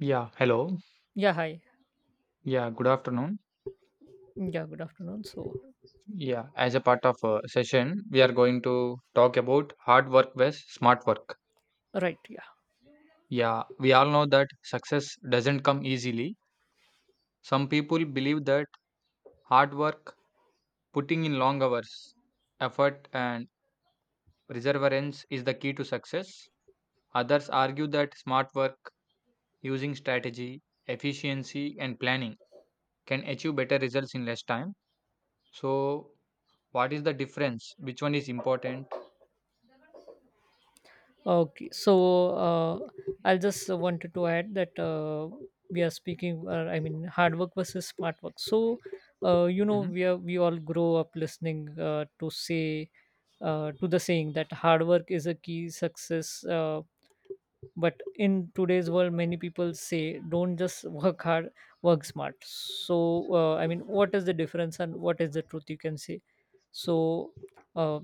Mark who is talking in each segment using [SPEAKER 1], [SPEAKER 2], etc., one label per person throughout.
[SPEAKER 1] Yeah, hello.
[SPEAKER 2] Yeah, hi.
[SPEAKER 1] Yeah, good afternoon.
[SPEAKER 2] Yeah, good afternoon. So,
[SPEAKER 1] Yeah, as a part of a session, we are going to talk about hard work versus smart work.
[SPEAKER 2] right, yeah.
[SPEAKER 1] Yeah, we all know that success doesn't come easily. Some people believe that hard work, putting in long hours, effort, and perseverance is the key to success. Others argue that smart work, using strategy, efficiency, and planning, can achieve better results in less time. So, what is the difference? Which one is important?
[SPEAKER 2] Okay, so I'll just wanted to add that we are speaking, I mean, hard work versus smart work. So,
[SPEAKER 1] Mhm.
[SPEAKER 2] we all grow up listening to the saying that hard work is a key success. But in today's world, many people say, "Don't just work hard, work smart." So, I mean, what is the difference and what is the truth? You can say. So, uh,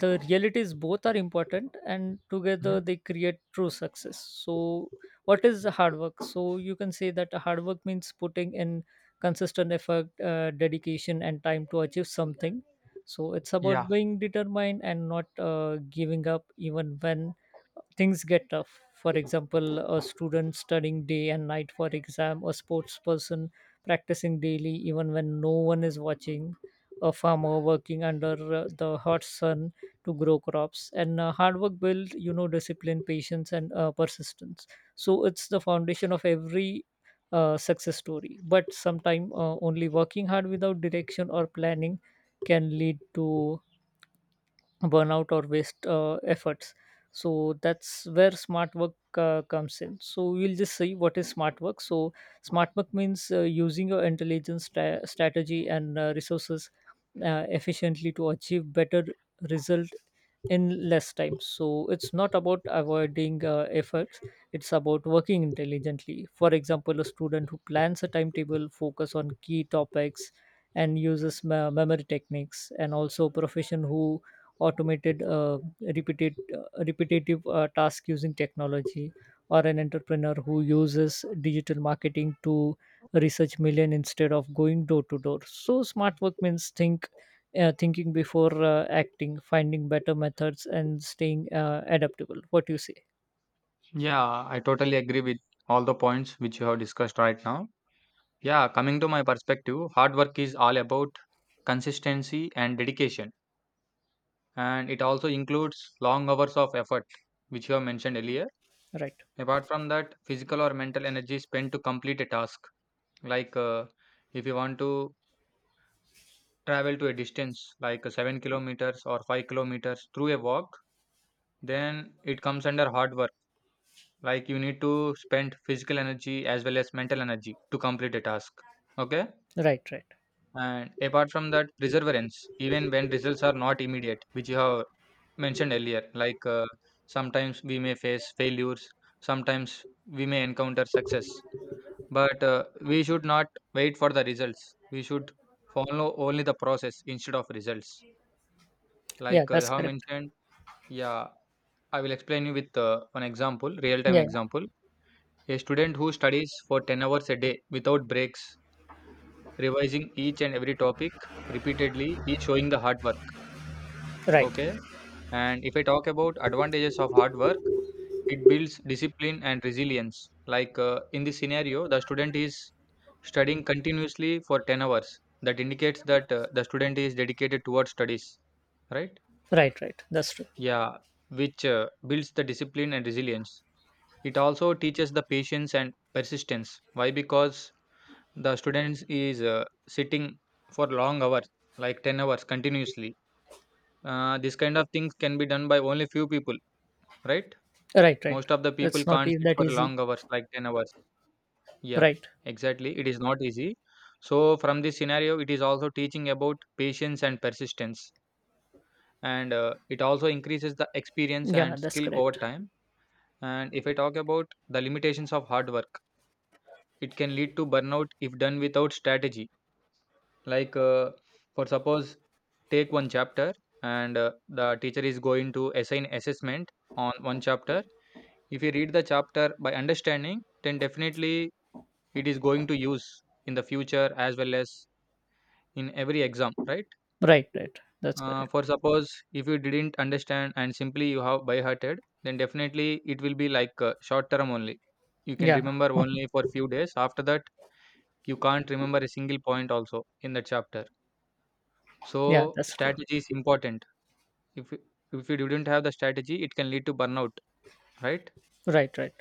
[SPEAKER 2] the realities both are important, and together
[SPEAKER 1] Mhm.
[SPEAKER 2] they create true success. So what is the hard work? So you can say that hard work means putting in consistent effort, dedication, and time to achieve something. So it's about
[SPEAKER 1] Yeah,
[SPEAKER 2] being determined and not giving up even when things get tough. For example, a student studying day and night for exam, a sports person practicing daily even when no one is watching, a farmer working under the hot sun to grow crops. And hard work builds discipline, patience, and persistence. So it's the foundation of every success story. But sometimes, only working hard without direction or planning can lead to burnout or waste efforts. So that's where smart work comes in. So we'll just see what is smart work. So smart work means using your intelligence, strategy, and resources efficiently to achieve better result in less time. So it's not about avoiding efforts. It's about working intelligently. For example, a student who plans a timetable, focus on key topics and uses memory techniques, and also a profession who automated repetitive task using technology, or an entrepreneur who uses digital marketing to research million instead of going door to door. So smart work means thinking before acting, finding better methods and staying adaptable. What you say?
[SPEAKER 1] yeah, I totally agree with all the points which you have discussed right now. Yeah, coming to my perspective, hard work is all about consistency and dedication, and it also includes long hours of effort, which you have mentioned earlier.
[SPEAKER 2] Right,
[SPEAKER 1] Apart from that, physical or mental energy spent to complete a task, like if you want to travel to a distance like 7 kilometers or 5 kilometers through a walk, then it comes under hard work. Like you need to spend physical energy as well as mental energy to complete a task. Okay.
[SPEAKER 2] right, right.
[SPEAKER 1] And apart from that, perseverance, even when results are not immediate, which you have mentioned earlier, like sometimes we may face failures, sometimes we may encounter success, but we should not wait for the results. We should follow only the process instead of results.
[SPEAKER 2] Yeah,
[SPEAKER 1] Like you
[SPEAKER 2] that's
[SPEAKER 1] have
[SPEAKER 2] correct.
[SPEAKER 1] mentioned, yeah, I will explain you with one example, real time
[SPEAKER 2] Yeah, yeah.
[SPEAKER 1] example. A student who studies for 10 hours a day without breaks, revising each and every topic repeatedly is showing the hard work.
[SPEAKER 2] Right,
[SPEAKER 1] Okay. And if I talk about advantages of hard work, it builds discipline and resilience. Like in this scenario, the student is studying continuously for 10 hours. That indicates that the student is dedicated towards studies, right?
[SPEAKER 2] right, right. That's true.
[SPEAKER 1] Yeah, which builds the discipline and resilience. It also teaches the patience and persistence. Why? Because the students is sitting for long hours like 10 hours continuously. This kind of things can be done by only few people, right?
[SPEAKER 2] Right, right.
[SPEAKER 1] Most of the people
[SPEAKER 2] That's not
[SPEAKER 1] can't sit
[SPEAKER 2] that
[SPEAKER 1] for
[SPEAKER 2] easy.
[SPEAKER 1] long hours like 10 hours. Yeah,
[SPEAKER 2] Right.
[SPEAKER 1] exactly, it is not easy. So from this scenario it is also teaching about patience and persistence, and it also increases the experience
[SPEAKER 2] Yeah,
[SPEAKER 1] and
[SPEAKER 2] that's
[SPEAKER 1] skill over
[SPEAKER 2] correct.
[SPEAKER 1] time. And if I talk about the limitations of hard work, it can lead to burnout if done without strategy. Like, for suppose, take one chapter and the teacher is going to assign assessment on one chapter. If you read the chapter by understanding, then definitely it is going to use in the future as well as in every exam, right?
[SPEAKER 2] Right, right. That's correct.
[SPEAKER 1] For suppose, if you didn't understand and simply you have by hearted, then definitely it will be like short term only. You can
[SPEAKER 2] Yeah,
[SPEAKER 1] remember only for few days. After that, you can't remember a single point also in the chapter.
[SPEAKER 2] yeah,
[SPEAKER 1] So
[SPEAKER 2] that's true.
[SPEAKER 1] strategy is important. If you, if you didn't have the strategy, it can lead to burnout, right?
[SPEAKER 2] Right, right,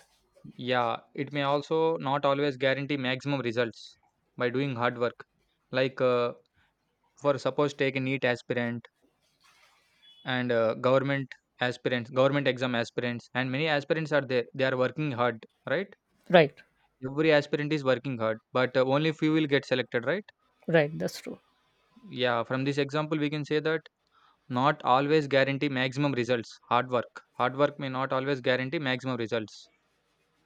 [SPEAKER 1] Yeah, it may also not always guarantee maximum results by doing hard work. Like for suppose take a NEET aspirant and government aspirants, government exam aspirants, and many aspirants are there. They are working hard, right?
[SPEAKER 2] right,
[SPEAKER 1] Every aspirant is working hard, but only few will get selected, right?
[SPEAKER 2] right. That's true.
[SPEAKER 1] Yeah, from this example, we can say that not always guarantee maximum results. Hard work may not always guarantee maximum results.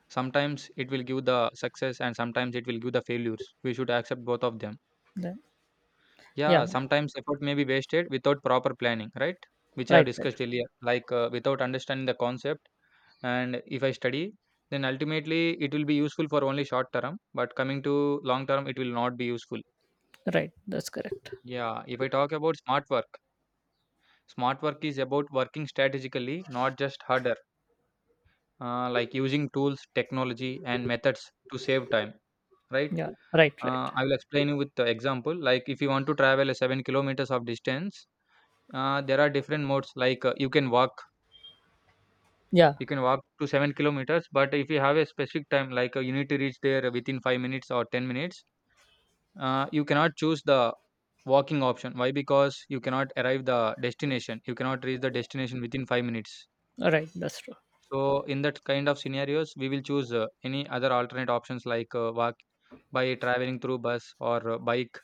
[SPEAKER 1] Sometimes it will give the success and sometimes it will give the failures. We should accept both of them.
[SPEAKER 2] Then, yeah,
[SPEAKER 1] Yeah, sometimes effort may be wasted without proper planning, right? Which I have
[SPEAKER 2] right, right,
[SPEAKER 1] discussed earlier, like without understanding the concept. And if I study, then ultimately it will be useful for only short term, but coming to long term, it will not be useful.
[SPEAKER 2] right. That's correct.
[SPEAKER 1] Yeah, if I talk about smart work is about working strategically, not just harder, like using tools, technology, and methods to save time, right?
[SPEAKER 2] Yeah, right, right.
[SPEAKER 1] I will explain you with the example. Like if you want to travel a 7 kilometers of distance, there are different modes. Like
[SPEAKER 2] Yeah,
[SPEAKER 1] you can walk to 7 kilometers. But if you have a specific time, like you need to reach there within 5 minutes or 10 minutes, you cannot choose the walking option. Why? Because you cannot arrive the destination. You cannot reach the destination within 5 minutes.
[SPEAKER 2] right. That's true.
[SPEAKER 1] So in that kind of scenarios, we will choose any other alternate options like walk by traveling through bus or bike.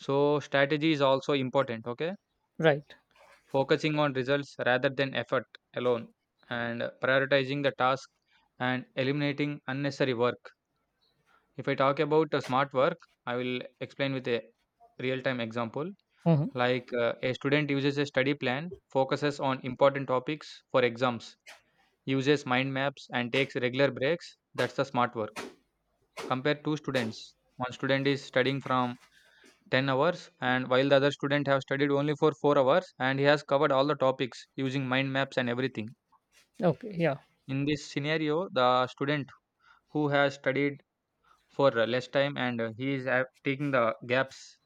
[SPEAKER 1] So strategy is also important, okay?
[SPEAKER 2] Right.
[SPEAKER 1] Focusing on results rather than effort alone and prioritizing the task and eliminating unnecessary work. If I talk about smart work, I will explain with a real time example.
[SPEAKER 2] Mm-hmm.
[SPEAKER 1] Like a student uses a study plan, focuses on important topics for exams, uses mind maps, and takes regular breaks. That's the smart work. Compare two students. One student is studying from 10 hours and while the other student have studied only for 4 hours and he has covered all the topics using mind maps and everything.
[SPEAKER 2] Okay. Yeah.
[SPEAKER 1] In this scenario the student who has studied for less time and he is taking the gaps,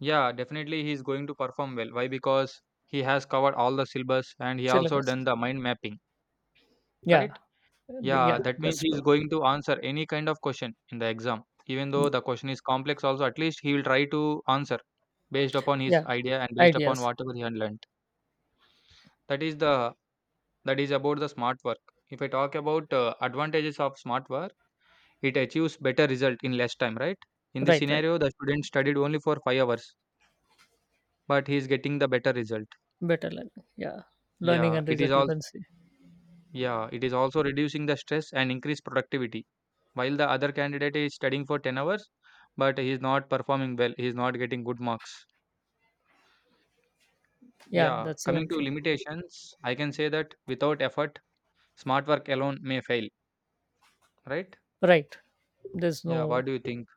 [SPEAKER 1] yeah definitely he is going to perform well. Why? Because he has covered all the syllabus and he also
[SPEAKER 2] Syllabus.
[SPEAKER 1] done the mind mapping,
[SPEAKER 2] Yeah,
[SPEAKER 1] right?
[SPEAKER 2] yeah.
[SPEAKER 1] Yeah, that means
[SPEAKER 2] That's
[SPEAKER 1] he
[SPEAKER 2] true.
[SPEAKER 1] is going to answer any kind of question in the exam, even though
[SPEAKER 2] Mm,
[SPEAKER 1] the question is complex also, at least he will try to answer based upon his
[SPEAKER 2] yeah.
[SPEAKER 1] idea and based upon
[SPEAKER 2] Ideas.
[SPEAKER 1] whatever he had learned. That is the that is about the smart work. If I talk about advantages of smart work, it achieves better result in less time, right? In this
[SPEAKER 2] Right, right.
[SPEAKER 1] scenario, the student studied only for 5 hours, but he is getting the better result.
[SPEAKER 2] Better learning. Yeah. Learning
[SPEAKER 1] Yeah,
[SPEAKER 2] and
[SPEAKER 1] it is
[SPEAKER 2] result. You
[SPEAKER 1] all.
[SPEAKER 2] can see.
[SPEAKER 1] Yeah, it is also reducing the stress and increase productivity. While the other candidate is studying for 10 hours, but he is not performing well. He is not getting good marks.
[SPEAKER 2] Yeah,
[SPEAKER 1] Yeah,
[SPEAKER 2] that's even
[SPEAKER 1] coming to
[SPEAKER 2] true.
[SPEAKER 1] limitations, I can say that without effort, smart work alone may fail, right?
[SPEAKER 2] Right. There's
[SPEAKER 1] Yeah, what
[SPEAKER 2] no.
[SPEAKER 1] do you think?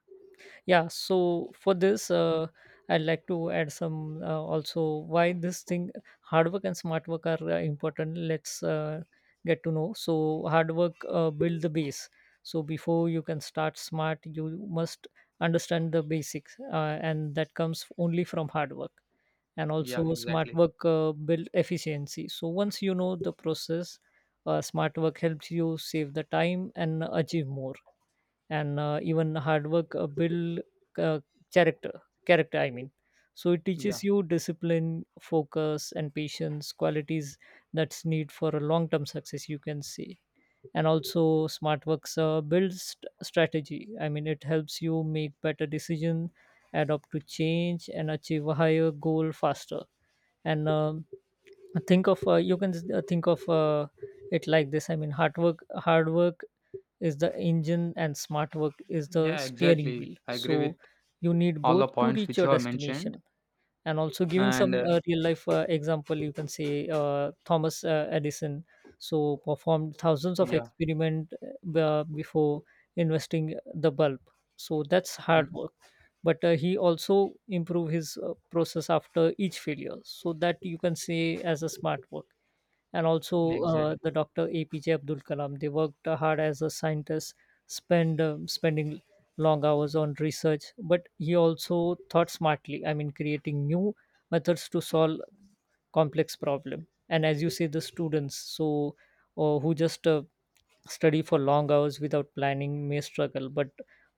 [SPEAKER 2] Yeah, so for this, I'd like to add some, also why this thing hard work and smart work are important. Let's get to know. So hard work build the base. So before you can start smart, you must understand the basics, and that comes only from hard work. And
[SPEAKER 1] Yeah,
[SPEAKER 2] also smart
[SPEAKER 1] exactly.
[SPEAKER 2] work build efficiency. So once you know the process, smart work helps you save the time and achieve more. And even hard work build, uh, character character, I mean. So it teaches
[SPEAKER 1] Yeah,
[SPEAKER 2] you discipline, focus, and patience, qualities that's need for a long term success, you can see. And also smart works builds strategy, I mean. It helps you make better decision, adapt to change, and achieve a higher goal faster. And think of you can think of, it like this, I mean. Hard work is the engine and smart work is the
[SPEAKER 1] yeah,
[SPEAKER 2] steering
[SPEAKER 1] exactly.
[SPEAKER 2] wheel,
[SPEAKER 1] I agree with
[SPEAKER 2] so you need
[SPEAKER 1] all
[SPEAKER 2] both
[SPEAKER 1] the
[SPEAKER 2] to
[SPEAKER 1] points
[SPEAKER 2] reach
[SPEAKER 1] which
[SPEAKER 2] your
[SPEAKER 1] you have mentioned.
[SPEAKER 2] destination. And also giving some
[SPEAKER 1] And
[SPEAKER 2] real life example, you can say, Thomas Edison, so performed thousands of
[SPEAKER 1] yeah,
[SPEAKER 2] experiment before investing the bulb. So that's
[SPEAKER 1] mm,
[SPEAKER 2] hard work. But he also improved his process after each failure, so that you can say as a smart work. And also,
[SPEAKER 1] exactly.
[SPEAKER 2] the Dr. APJ Abdul Kalam. They worked hard as a scientist, spending long hours on research, but he also thought smartly. I mean, creating new methods to solve complex problem. And as you say, the students, so who just study for long hours without planning may struggle, but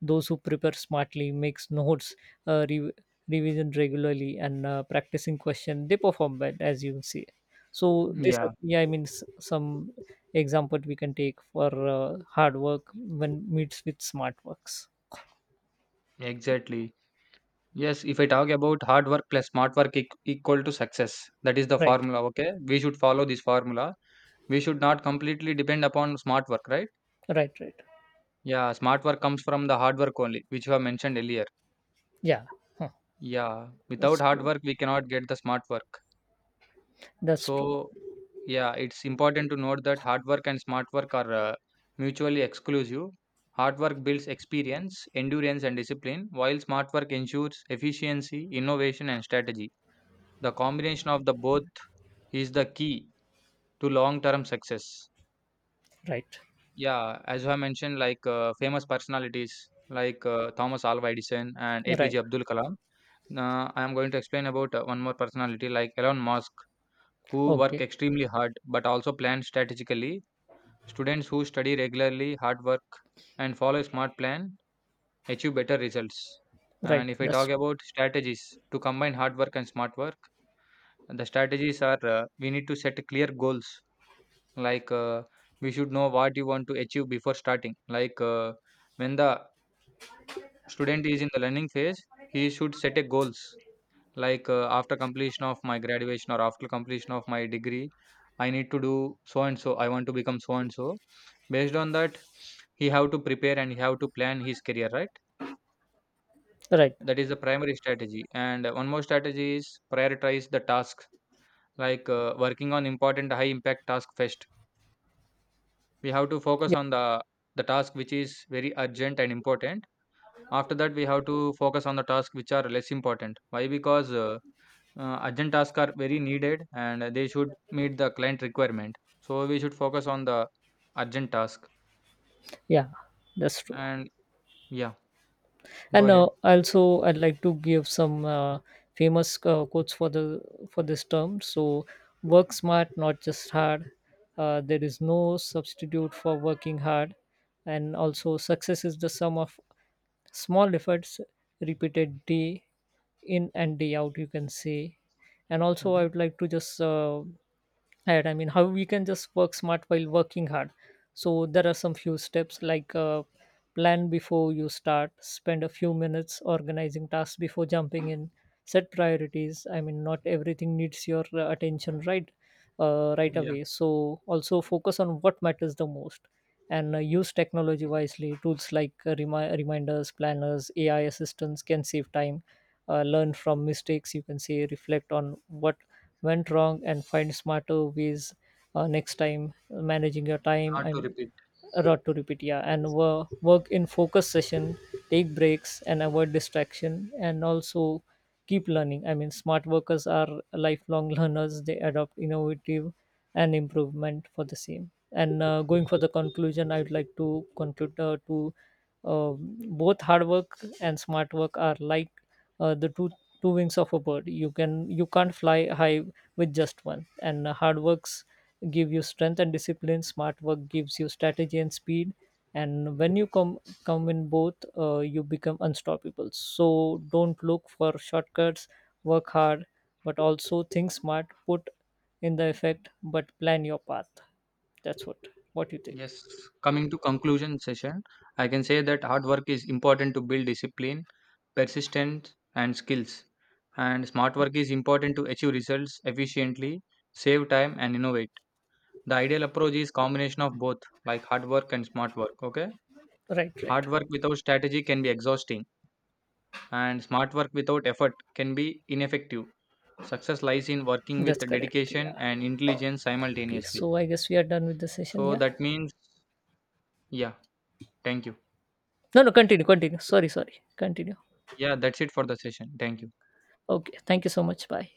[SPEAKER 2] those who prepare smartly, makes notes, uh, re- revision regularly, and practicing question, they perform well, as you see. So this
[SPEAKER 1] Yeah,
[SPEAKER 2] yeah, I mean, some example we can take for hard work when meets with smart works.
[SPEAKER 1] exactly. Yes, if I talk about hard work plus smart work eq equal to success, that is the
[SPEAKER 2] Right,
[SPEAKER 1] formula. Okay, we should follow this formula. We should not completely depend upon smart work, right?
[SPEAKER 2] right, right.
[SPEAKER 1] Yeah, smart work comes from the hard work only, which you have mentioned earlier.
[SPEAKER 2] Yeah, huh.
[SPEAKER 1] Yeah,
[SPEAKER 2] That's
[SPEAKER 1] without hard
[SPEAKER 2] true.
[SPEAKER 1] work, we cannot get the smart work.
[SPEAKER 2] That's true.
[SPEAKER 1] So, yeah, it's important to note that hard work and smart work are mutually exclusive. Hard work builds experience, endurance, and discipline, while smart work ensures efficiency, innovation, and strategy. The combination of the both is the key to long term success.
[SPEAKER 2] Right,
[SPEAKER 1] Yeah, as I mentioned, like famous personalities like Thomas Alva Edison and
[SPEAKER 2] right.
[SPEAKER 1] APJ Abdul Kalam. Now, I am going to explain about one more personality like Elon Musk, who work
[SPEAKER 2] Okay.
[SPEAKER 1] extremely hard but also plan strategically. Students who study regularly, hard work, and follow a smart plan achieve better results.
[SPEAKER 2] Right.
[SPEAKER 1] And if I
[SPEAKER 2] That's
[SPEAKER 1] talk
[SPEAKER 2] true.
[SPEAKER 1] about strategies to combine hard work and smart work, the strategies are we need to set clear goals. Like we should know what you want to achieve before starting. Like when the student is in the learning phase, he should set a goals. Like after completion of my graduation or after completion of my degree, I need to do so and so. I want to become so and so. Based on that, he have to prepare and he have to plan his career. Right.
[SPEAKER 2] Right.
[SPEAKER 1] That is the primary strategy. And one more strategy is prioritize the tasks. Like working on important high impact task first. We have to focus
[SPEAKER 2] Yeah,
[SPEAKER 1] on the task which is very urgent and important. After that we have to focus on the task which are less important. Why? Because urgent tasks are very needed and they should meet the client requirement, so we should focus on the urgent task.
[SPEAKER 2] yeah, that's true.
[SPEAKER 1] And yeah, go
[SPEAKER 2] And
[SPEAKER 1] ahead.
[SPEAKER 2] also I'd like to give some famous quotes for the for this term. So, work smart not just hard. There is no substitute for working hard. And also, success is the sum of small efforts repeated day in and day out, you can say. And also, I
[SPEAKER 1] Hmm,
[SPEAKER 2] would like to just, ahead. I mean, how we can just work smart while working hard. So there are some few steps like, plan before you start, spend a few minutes organizing tasks before jumping in, set priorities. I mean, not everything needs your attention right
[SPEAKER 1] yeah,
[SPEAKER 2] away. So also focus on what matters the most, and use technology wisely. Tools like, reminders, planners, AI assistants can save time. Learn from mistakes. You can say reflect on what went wrong and find smarter ways next time, managing your time
[SPEAKER 1] hard to
[SPEAKER 2] I'm.
[SPEAKER 1] repeat.
[SPEAKER 2] Rot to repeat, yeah, and work in focus session, take breaks and avoid distraction, and also keep learning. I mean, smart workers are lifelong learners. They adopt innovative and improvement for the same. And going for the conclusion, I would like to conclude, to both hard work and smart work are like, the two wings of a bird. You can't fly high with just one, and hard works give you strength and discipline, smart work gives you strategy and speed. And when you combine both, you become unstoppable. So don't look for shortcuts. Work hard but also think smart. Put in the effect but plan your path. That's what you think?
[SPEAKER 1] Yes. Coming to conclusion session, I can say that hard work is important to build discipline, persistence and skills, and smart work is important to achieve results efficiently, save time and innovate. The ideal approach is combination of both, like hard work and smart work. Okay,
[SPEAKER 2] Right, right.
[SPEAKER 1] hard work without strategy can be exhausting, and smart work without effort can be ineffective. Success lies in working with
[SPEAKER 2] That's correct. Yeah.
[SPEAKER 1] dedication and intelligence
[SPEAKER 2] Okay, so
[SPEAKER 1] simultaneously.
[SPEAKER 2] I guess we are done with the session.
[SPEAKER 1] So
[SPEAKER 2] Yeah.
[SPEAKER 1] that means, yeah, thank you.
[SPEAKER 2] No, no, continue, continue. Sorry, sorry, continue.
[SPEAKER 1] Yeah, that's it for the session. Thank you.
[SPEAKER 2] Okay, thank you so much. Bye.